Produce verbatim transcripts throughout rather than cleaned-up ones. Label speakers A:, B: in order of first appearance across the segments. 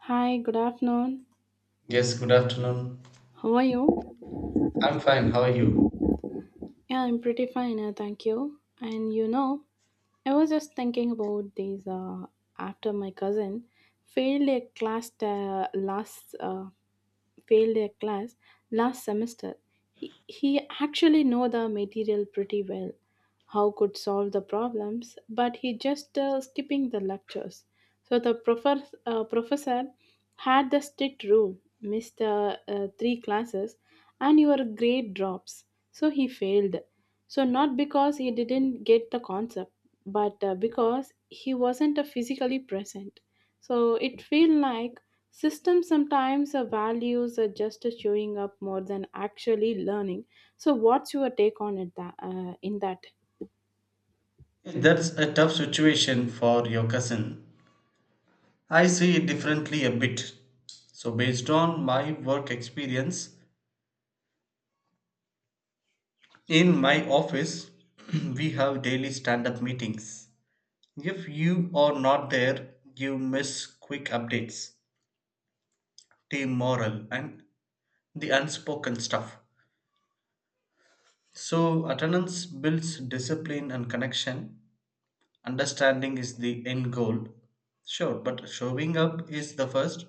A: Hi, good afternoon.
B: Yes, good afternoon.
A: How are you?
B: I'm fine. How are you?
A: Yeah, I'm pretty fine, uh, thank you. And you know, I was just thinking about these uh, after my cousin failed a class uh, last uh, failed a class last semester. He, he actually know the material pretty well, how could solve the problems, but he just uh, skipping the lectures. So the professor uh, professor had the strict rule, missed uh, uh, three classes and your grade drops. So he failed. So not because he didn't get the concept, but uh, because he wasn't uh, physically present. So it feel like systems sometimes our values are just showing up more than actually learning. So what's your take on it that, uh, in that?
B: That's a tough situation for your cousin. I see it differently a bit. So, based on my work experience, in my office, we have daily stand up meetings. If you are not there, you miss quick updates, team morale, and the unspoken stuff. So, attendance builds discipline and connection. Understanding is the end goal. Sure, but showing up is the first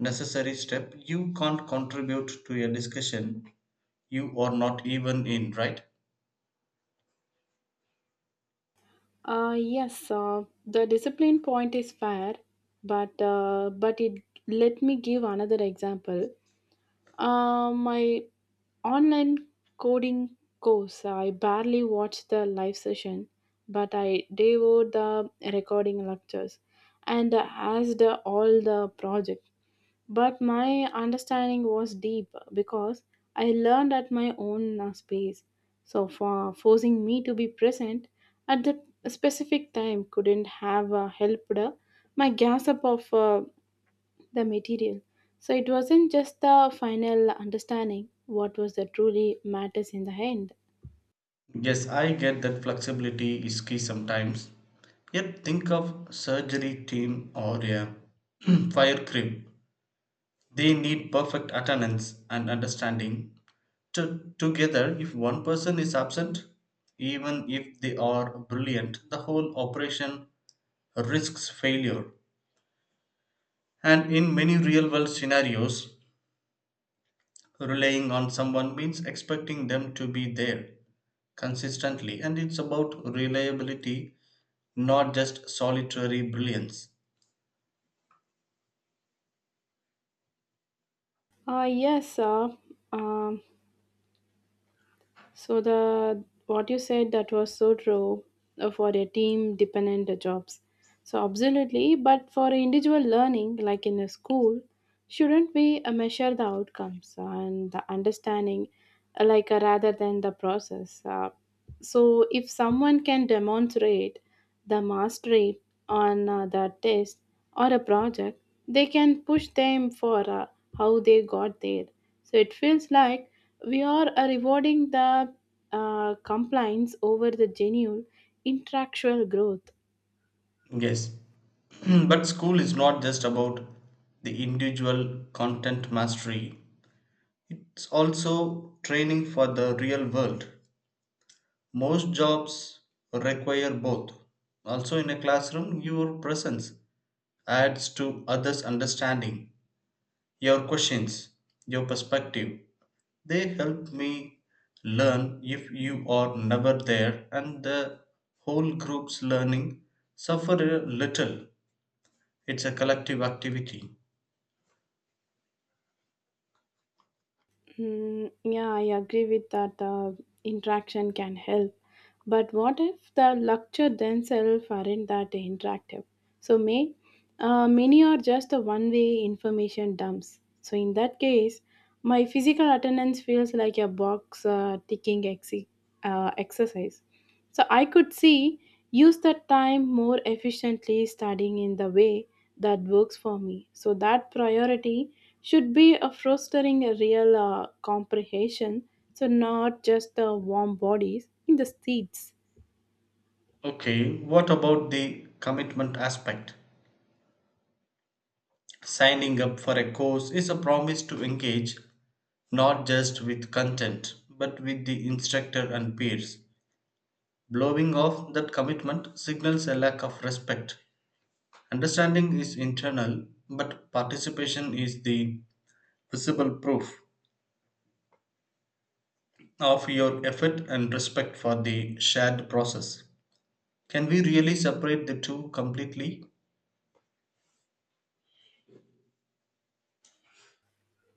B: necessary step. You can't contribute to a discussion you are not even in, right?
A: Uh, yes, uh, the discipline point is fair, but uh, but it let me give another example. Uh, my online coding course. I barely watched the live session, but I devoured the recording lectures and asked all the project. But my understanding was deep because I learned at my own uh, space. So for forcing me to be present at the specific time couldn't have uh, helped uh, my gasp of uh, the material. So it wasn't just the final understanding what was the truly matters in the end.
B: Yes, I get that flexibility is key sometimes. Yet think of surgery team or a fire crew. They need perfect attendance and understanding. To, together, if one person is absent, even if they are brilliant, the whole operation risks failure. And in many real world scenarios, relying on someone means expecting them to be there consistently, and it's about reliability, not just solitary brilliance.
A: Uh, yes, uh, um, So the what you said that was so true uh, for a team dependent jobs. So absolutely, but for individual learning, like in a school, shouldn't we uh, measure the outcomes and the understanding, uh, like uh, rather than the process? Uh, so if someone can demonstrate the mastery on uh, the test or a project, they can push them for uh, how they got there. So it feels like we are uh, rewarding the uh, compliance over the genuine interactual growth.
B: Yes, but school is not just about the individual content mastery, it's also training for the real world. Most jobs require both. Also, in a classroom, your presence adds to others' understanding. Your questions, your perspective, they help me learn if you are never there, and the whole group's learning suffer a little. It's a collective activity.
A: Mm, yeah, I agree with that. Uh, interaction can help, but what if the lecture themselves aren't that interactive? So may uh, many are just a one-way information dumps. So in that case, my physical attendance feels like a box uh, ticking ex- uh, exercise. So I could see use that time more efficiently studying in the way that works for me. So that priority should be a fostering a real uh, comprehension, so not just the warm bodies in the seats.
B: Okay, what about the commitment aspect? Signing up for a course is a promise to engage not just with content but with the instructor and peers. Blowing off that commitment signals a lack of respect. Understanding is internal, but participation is the visible proof of your effort and respect for the shared process. Can we really separate the two completely?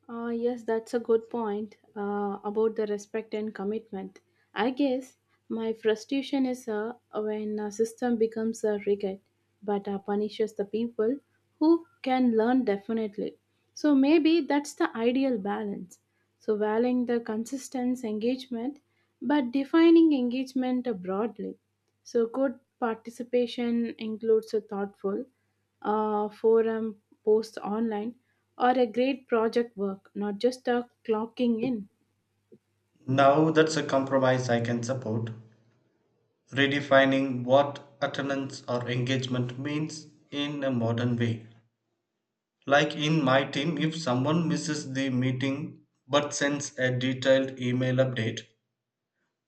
A: Uh, yes, that's a good point uh, about the respect and commitment. I guess my frustration is uh, when a system becomes a rigid but uh, punishes the people who can learn definitely. So maybe that's the ideal balance. So valuing the consistent engagement but defining engagement broadly. So, good participation includes a thoughtful uh, forum posts online or a great project work, not just a clocking in.
B: Now that's a compromise I can support. Redefining what attendance or engagement means in a modern way. Like in my team, if someone misses the meeting but sends a detailed email update,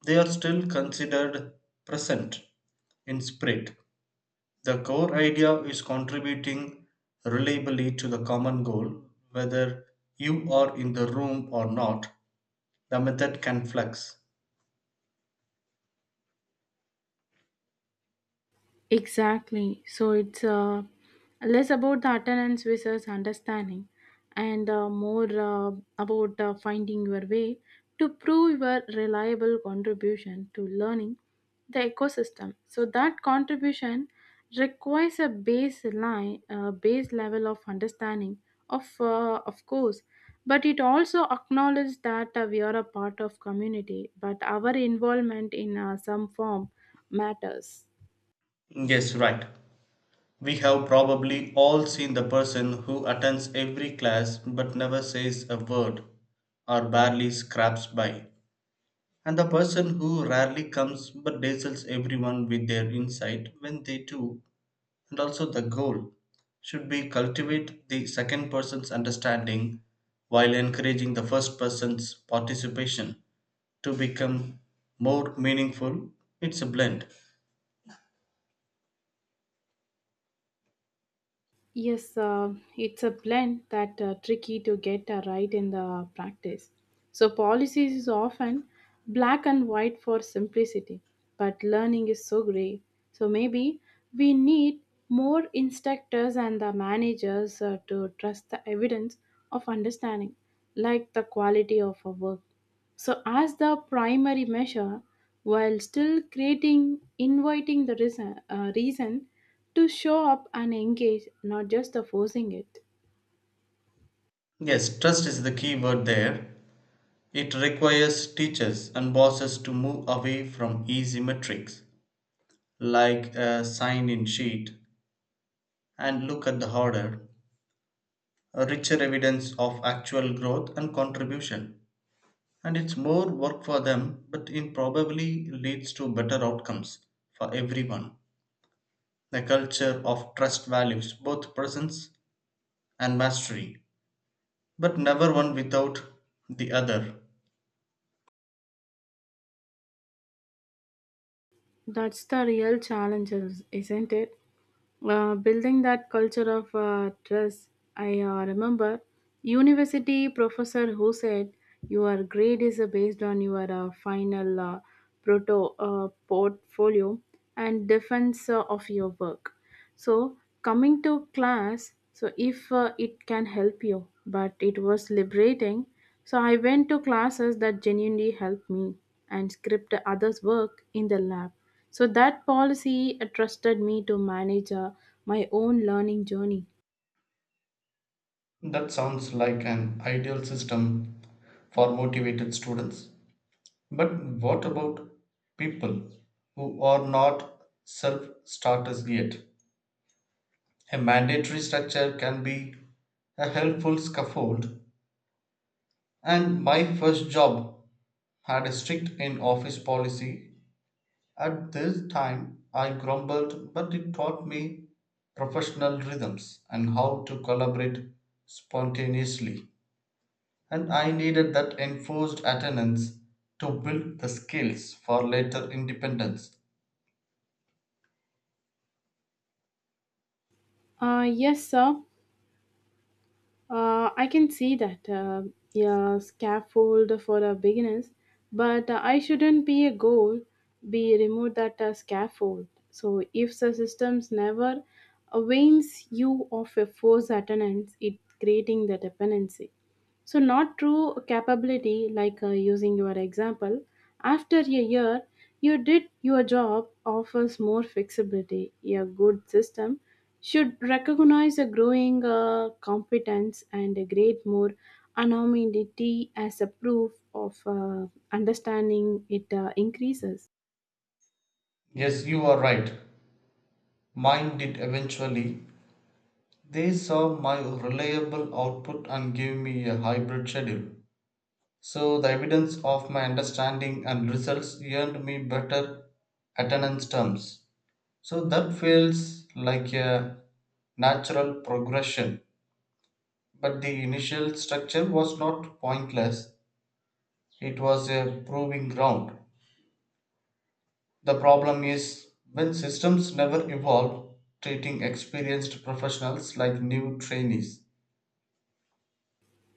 B: they are still considered present in spirit. The core idea is contributing reliably to the common goal, whether you are in the room or not. The method can flex.
A: Exactly. So it's uh, less about the attendance versus understanding and uh, more uh, about uh, finding your way to prove your reliable contribution to learning the ecosystem. So that contribution requires a baseline, uh, base level of understanding of, uh, of course, but it also acknowledges that uh, we are a part of community, but our involvement in uh, some form matters.
B: Yes, right. We have probably all seen the person who attends every class but never says a word or barely scraps by, and the person who rarely comes but dazzles everyone with their insight when they do. And also, the goal should be cultivate the second person's understanding while encouraging the first person's participation to become more meaningful. It's a blend.
A: Yes, uh, it's a blend that uh, tricky to get uh, right in the practice. So policies is often black and white for simplicity, but learning is so gray. So maybe we need more instructors and the managers uh, to trust the evidence of understanding, like the quality of a work. So, as the primary measure, while still creating, inviting the reason, uh, reason to show up and engage, not just the forcing it.
B: Yes, trust is the key word there. It requires teachers and bosses to move away from easy metrics like a sign in sheet and look at the harder, richer evidence of actual growth and contribution. And it's more work for them, but it probably leads to better outcomes for everyone. A culture of trust values both presence and mastery, but never one without the other.
A: That's the real challenge, is- isn't it? Uh, building that culture of uh, trust. I uh, remember university professor who said your grade is uh, based on your uh, final uh, proto uh, portfolio and defense uh, of your work. So coming to class, so if uh, it can help you, but it was liberating. So I went to classes that genuinely helped me and script others' work in the lab. So that policy uh, trusted me to manage uh, my own learning journey.
B: That sounds like an ideal system for motivated students. But what about people who are not self starters yet? A mandatory structure can be a helpful scaffold. And my first job had a strict in office policy. At this time, I grumbled, but it taught me professional rhythms and how to collaborate spontaneously. And I needed that enforced attendance to build the skills for later independence.
A: Uh, yes, sir. Uh, I can see that. Uh, yeah, scaffold for a beginners, but uh, I shouldn't be a goal. Be remove that uh, scaffold. So if the systems never avails you of a force attendance, it creating the dependency. So, not true capability, like uh, using your example. After a year, you did your job offers more flexibility. A good system should recognize a growing uh, competence and a great more anonymity as a proof of uh, understanding it uh, increases.
B: Yes, you are right. Mine did eventually. They saw my reliable output and gave me a hybrid schedule. So the evidence of my understanding and results earned me better attendance terms. So that feels like a natural progression. But the initial structure was not pointless, it was a proving ground. The problem is when systems never evolve, treating experienced professionals like new trainees.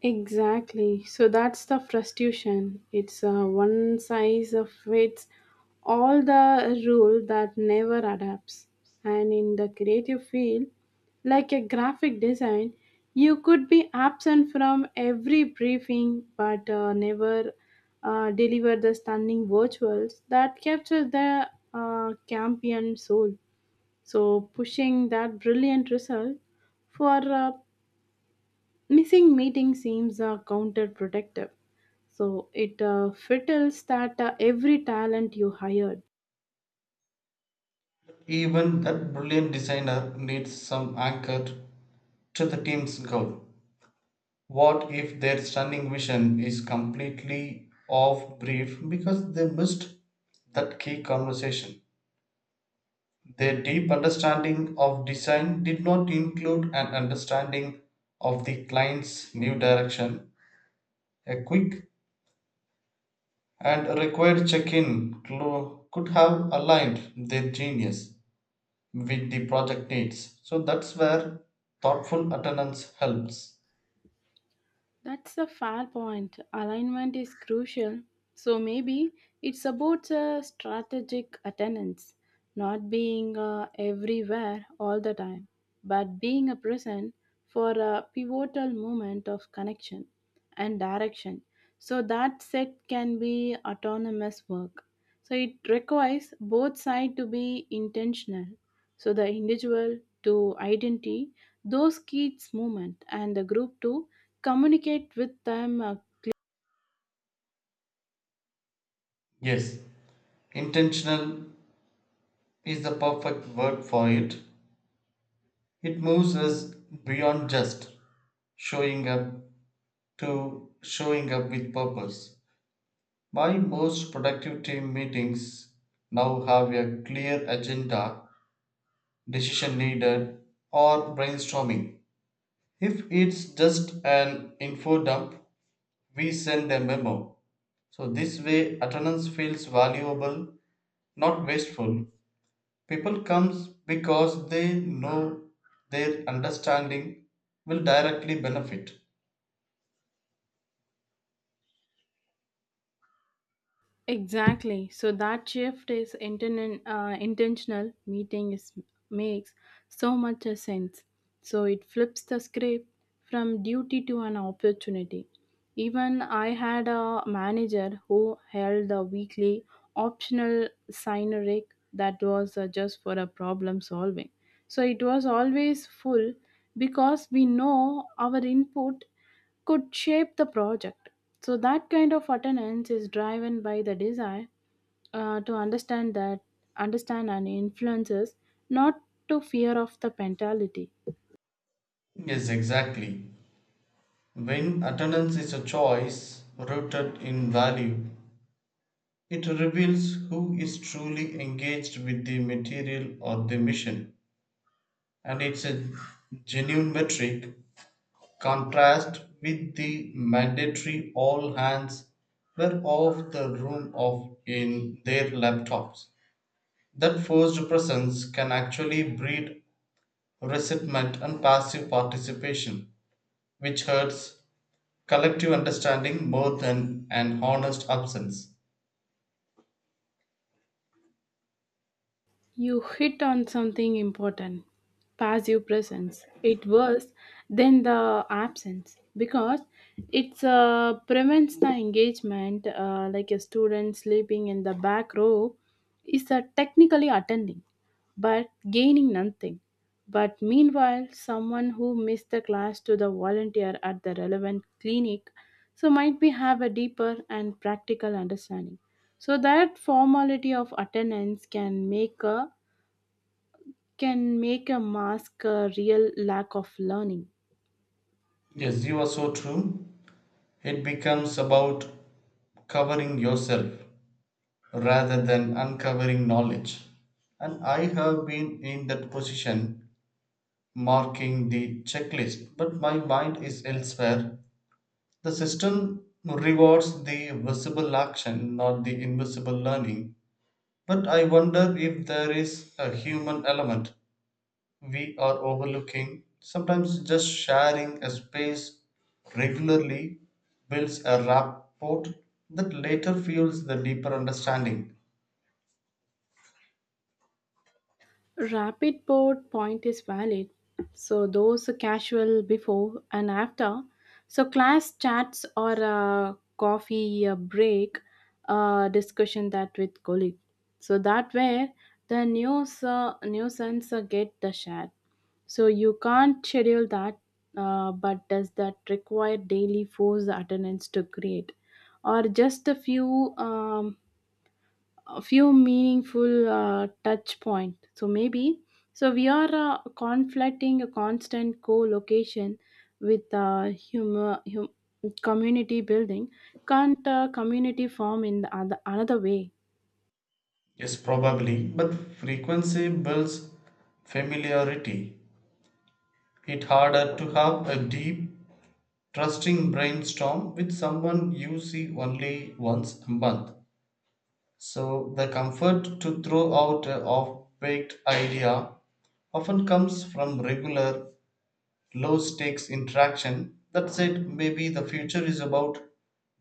A: Exactly. So that's the frustration. It's a one size fits all the rule that never adapts. And in the creative field, like a graphic design, you could be absent from every briefing but uh, never uh, deliver the stunning virtuals that capture the uh, champion soul. So pushing that brilliant result for uh, missing meeting seems uh, counterproductive. So it uh, fiddles that uh, every talent you hired.
B: Even that brilliant designer needs some anchor to the team's goal. What if their stunning vision is completely off brief because they missed that key conversation? Their deep understanding of design did not include an understanding of the client's new direction. A quick and required check-in clo- could have aligned their genius with the project needs. So that's where thoughtful attendance helps.
A: That's a fair point. Alignment is crucial. So maybe it's about a strategic attendance, not being uh, everywhere all the time, but being a present for a pivotal moment of connection and direction. So that set can be autonomous work. So it requires both sides to be intentional. So the individual to identify those kids' movement and the group to communicate with them. uh,
B: Yes, intentional is the perfect word for it. It moves us beyond just showing up to showing up with purpose. My most productive team meetings now have a clear agenda, decision needed, or brainstorming. If it's just an info dump, we send a memo. So this way attendance feels valuable, not wasteful. People comes because they know their understanding will directly benefit.
A: Exactly. So that shift is inten- uh, intentional. Meeting is makes so much a sense. So it flips the script from duty to an opportunity. Even I had a manager who held a weekly optional syneric that was uh, just for a problem solving. So it was always full because we know our input could shape the project. So that kind of attendance is driven by the desire uh, to understand that understand and influences, not to fear of the mentality.
B: Yes, exactly. When attendance is a choice rooted in value, it reveals who is truly engaged with the material or the mission. And it's a genuine metric contrast with the mandatory all hands were off the room of in their laptops. That forced presence can actually breed resentment and passive participation, which hurts collective understanding more than an honest absence.
A: You hit on something important, passive presence. It was then the absence because it uh, prevents the engagement, uh, like a student sleeping in the back row is uh, technically attending but gaining nothing. But meanwhile, someone who missed the class to the volunteer at the relevant clinic so might be have a deeper and practical understanding. So that formality of attendance can make a can make a mask a real lack of learning.
B: Yes, you are so true. It becomes about covering yourself rather than uncovering knowledge. And I have been in that position marking the checklist, but my mind is elsewhere. The system rewards the visible action, not the invisible learning. But I wonder if there is a human element we are overlooking. Sometimes just sharing a space regularly builds a rapport that later fuels the deeper understanding.
A: Rapid board point is valid. So those casual before and after. So class chats or a coffee a break uh, discussion that with colleague. So that where the news uh, nuisance uh, get the share. So you can't schedule that, uh, but does that require daily force attendance to create, or just a few? Um, a few meaningful uh, touch point so maybe so we are uh, conflating a constant co-location with uh, humor, hum- community building can't uh, community form in the other, another way.
B: Yes, probably, but frequency builds familiarity. It's harder to have a deep trusting brainstorm with someone you see only once a month. So the comfort to throw out a off-baked idea often comes from regular low-stakes interaction. That said, maybe the future is about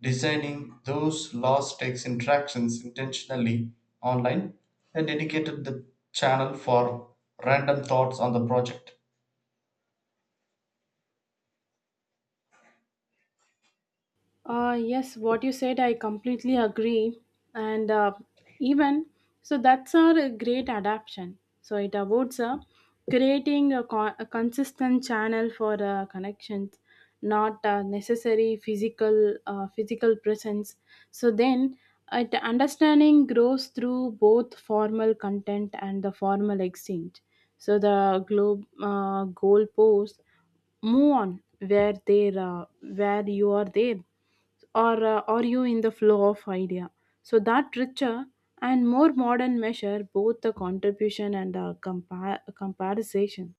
B: designing those low-stakes interactions intentionally online and dedicated the channel for random thoughts on the project.
A: Uh, yes, what you said, I completely agree. And uh, even so, that's a great adaptation. So it avoids uh, creating a, con- a consistent channel for uh, connections, not uh, necessary physical uh, physical presence. So then, it understanding grows through both formal content and the formal exchange. So the globe uh, goal post move on where there uh, where you are there or uh, are you in the flow of idea so that richer and more modern measure both the contribution and uh, compar- comparison.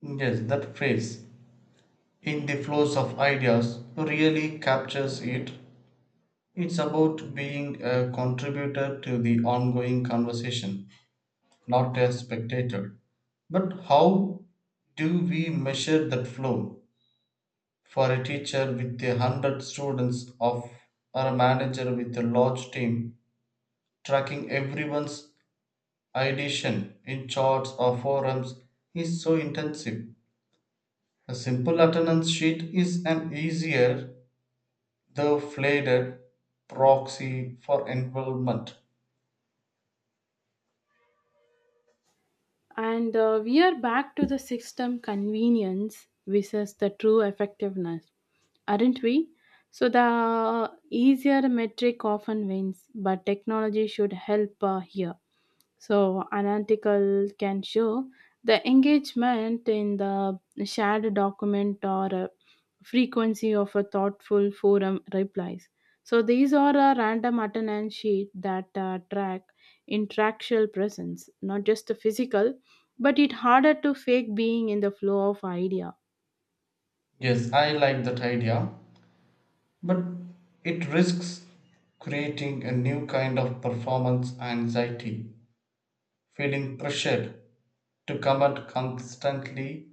B: Yes, that phrase in the flows of ideas really captures it. It's about being a contributor to the ongoing conversation, not a spectator. But how do we measure that flow? For a teacher with a hundred students of or a manager with a large team, tracking everyone's ideation in charts or forums is so intensive. A simple attendance sheet is an easier. The faded proxy for involvement.
A: And uh, we are back to the system convenience versus the true effectiveness aren't we? So the easier metric often wins, but technology should help uh, here. So an article can show the engagement in the shared document or uh, frequency of a thoughtful forum replies. So these are a random attendance sheet that uh, track interactual presence, not just the physical, but it harder to fake being in the flow of idea.
B: Yes, I like that idea, but it risks creating a new kind of performance anxiety, feeling pressured to comment constantly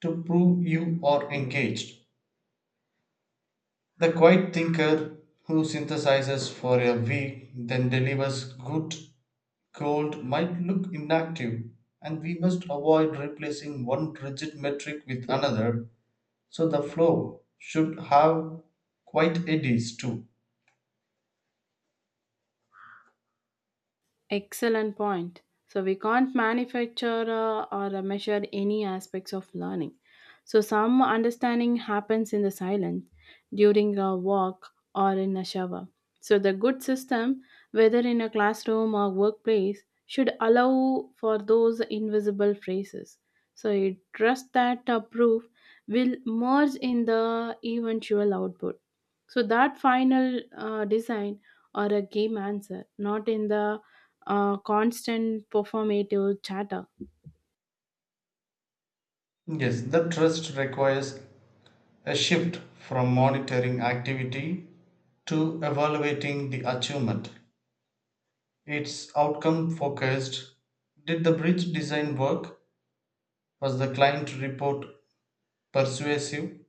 B: to prove you are engaged. The quiet thinker who synthesizes for a week then delivers good gold might look inactive, and we must avoid replacing one rigid metric with another. So the flow should have quite eddies too.
A: Excellent point. So we can't manufacture uh, or uh, measure any aspects of learning. So some understanding happens in the silence, during a walk or in a shower. So the good system, whether in a classroom or workplace, should allow for those invisible phrases. So I trust that uh, proof will merge in the eventual output. So that final uh, design or a game answer, not in the uh, constant performative chatter.
B: Yes, the trust requires a shift from monitoring activity to evaluating the achievement. It's outcome focused. Did the bridge design work? Was the client report persuasive?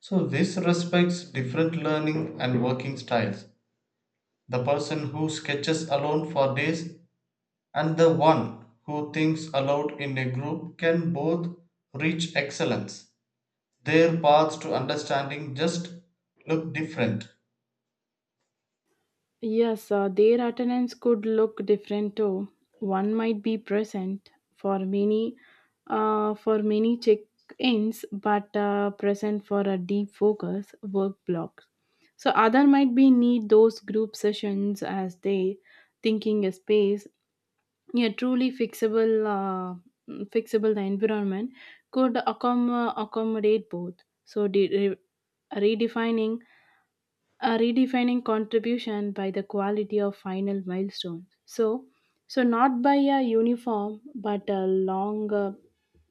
B: So, this respects different learning and working styles. The person who sketches alone for days and the one who thinks aloud in a group can both reach excellence. Their paths to understanding just look different.
A: Yes, uh, their attendance could look different too. One might be present for many, uh, for many check-ins, but uh, present for a deep focus work block. So other might be need those group sessions as they thinking a space. Yeah, truly fixable, uh, mm, fixable the environment could accom- accommodate both. So de- re- redefining a redefining contribution by the quality of final milestone so so not by a uniform but a long uh,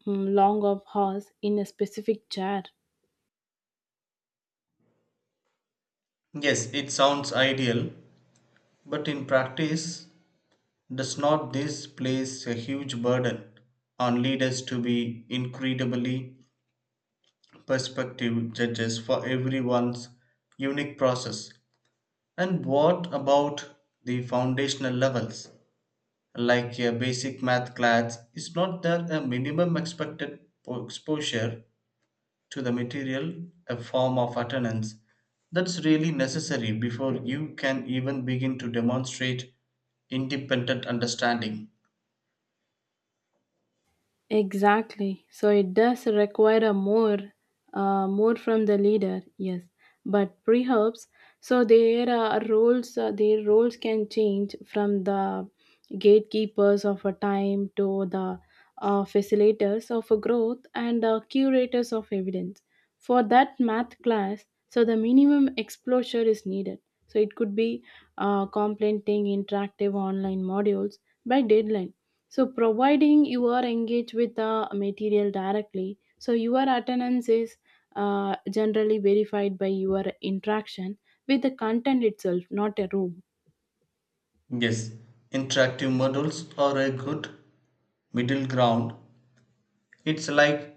A: mm, long of horse in a specific chair.
B: Yes, it sounds ideal, but in practice, does not this place a huge burden on leaders to be incredibly perspective judges for everyone's unique process? And what about the foundational levels? Like a basic math class, is not there a minimum expected po- exposure to the material, a form of attendance, that's really necessary before you can even begin to demonstrate independent understanding?
A: Exactly. So it does require a more, uh, more from the leader. Yes, but perhaps so their uh, roles, uh, their roles can change from the gatekeepers of a time to the uh, facilitators of a growth and uh, curators of evidence for that math class so the minimum exposure is needed so it could be uh, complementing interactive online modules by deadline so providing you are engaged with the material directly so your attendance is uh, generally verified by your interaction with the content itself not a room.
B: Yes, interactive models are a good middle ground. It's like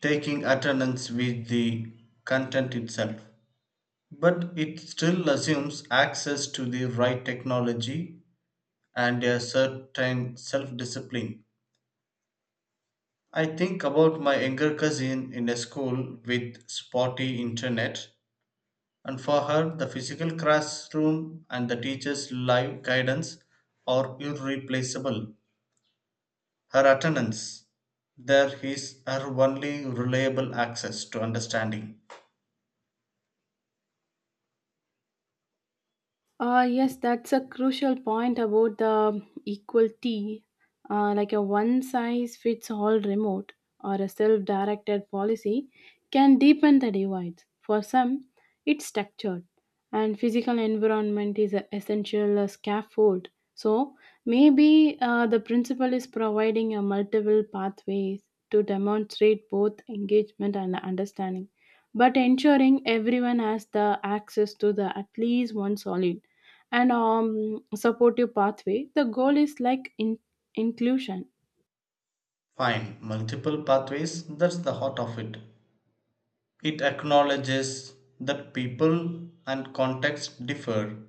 B: taking attendance with the content itself, but it still assumes access to the right technology and a certain self discipline. I think about my younger cousin in a school with spotty internet, and for her, the physical classroom and the teacher's live guidance are irreplaceable. Her attendance there is her only reliable access to understanding.
A: Uh, yes, that's a crucial point about the equality, uh, like a one size fits all remote or a self directed policy can deepen the divides. For some, it's structured, and physical environment is an essential uh, scaffold. So maybe uh, the principle is providing a multiple pathways to demonstrate both engagement and understanding, but ensuring everyone has the access to the at least one solid and um, supportive pathway. The goal is like in- inclusion.
B: Fine, multiple pathways, that's the heart of it. It acknowledges that people and context differ.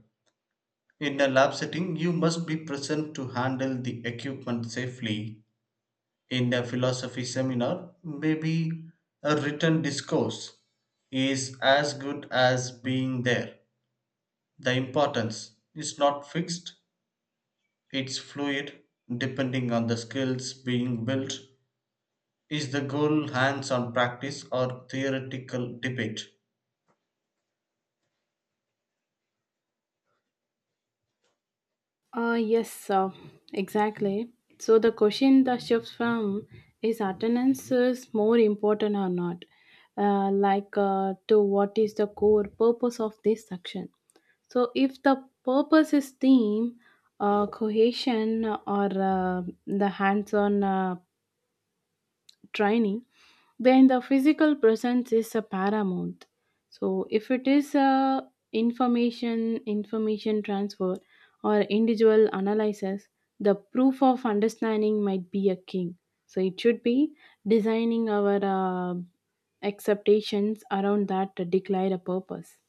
B: In a lab setting, you must be present to handle the equipment safely. In a philosophy seminar, maybe a written discourse is as good as being there. The importance is not fixed, it's fluid, depending on the skills being built. Is the goal hands on practice or theoretical debate?
A: Uh, yes, uh, exactly. So the question that shifts from is attendance is more important or not, uh, like uh, to what is the core purpose of this section. So if the purpose is team, uh, cohesion, or uh, the hands-on uh, training, then the physical presence is a paramount so if it is a information information transfer or individual analysis the proof of understanding might be a king so it should be designing our uh, acceptations around that to declare a purpose.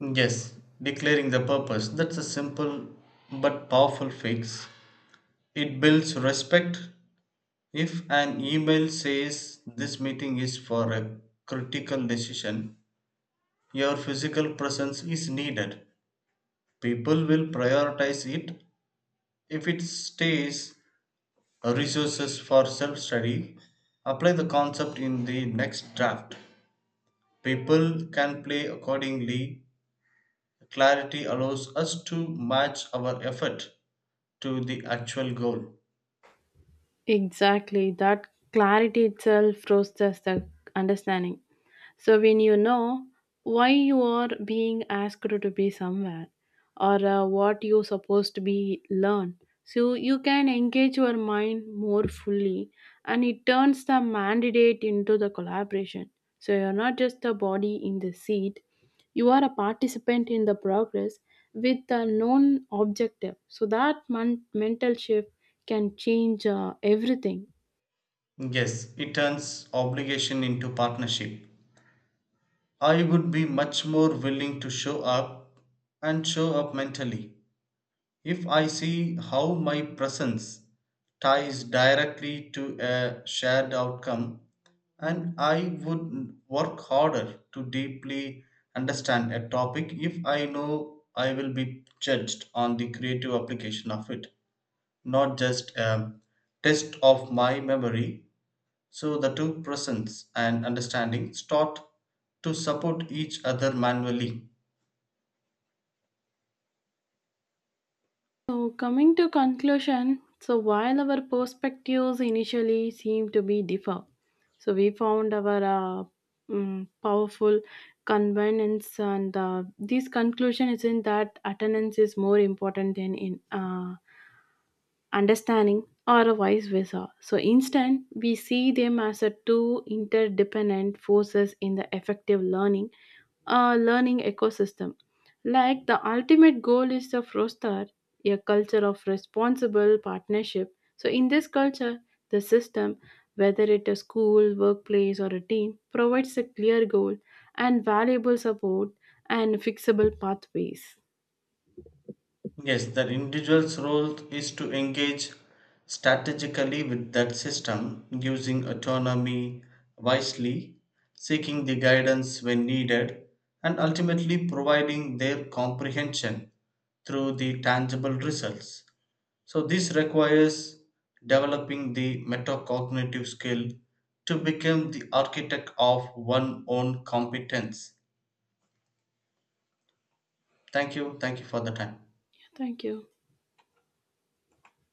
B: Yes, declaring the purpose. That's a simple but powerful fix. It builds respect. If an email says this meeting is for a critical decision, your physical presence is needed. People will prioritize it. If it stays resources for self study, apply the concept in the next draft. People can play accordingly. Clarity allows us to match our effort to the actual goal.
A: Exactly that clarity itself fosters the understanding. So when you know why you are being asked to be somewhere or uh, what you supposed to be learn, so you can engage your mind more fully and it turns the mandate into the collaboration. So you're not just the body in the seat, you are a participant in the progress with a known objective. So that mon- mental shift can change uh, everything.
B: Yes, it turns obligation into partnership. I would be much more willing to show up and show up mentally if I see how my presence ties directly to a shared outcome, and I would work harder to deeply understand a topic if I know I will be judged on the creative application of it, not just a test of my memory so the two presence and understanding start to support each other manually.
A: So, coming to conclusion, so while our perspectives initially seemed to be differ, so we found our uh, mm, powerful convenience, and uh, this conclusion isn't that attendance is more important than in uh, understanding, or vice versa. So instead, we see them as a two interdependent forces in the effective learning, uh, learning ecosystem. Like the ultimate goal is the Frostar, a culture of responsible partnership. So in this culture, the system, whether it is school, workplace, or a team, provides a clear goal and valuable support and fixable pathways.
B: Yes, the individual's role is to engage strategically with that system, using autonomy wisely, seeking the guidance when needed, and ultimately providing their comprehension through the tangible results. So, this requires developing the metacognitive skill to become the architect of one own competence. Thank you. Thank you for the time.
A: Thank you.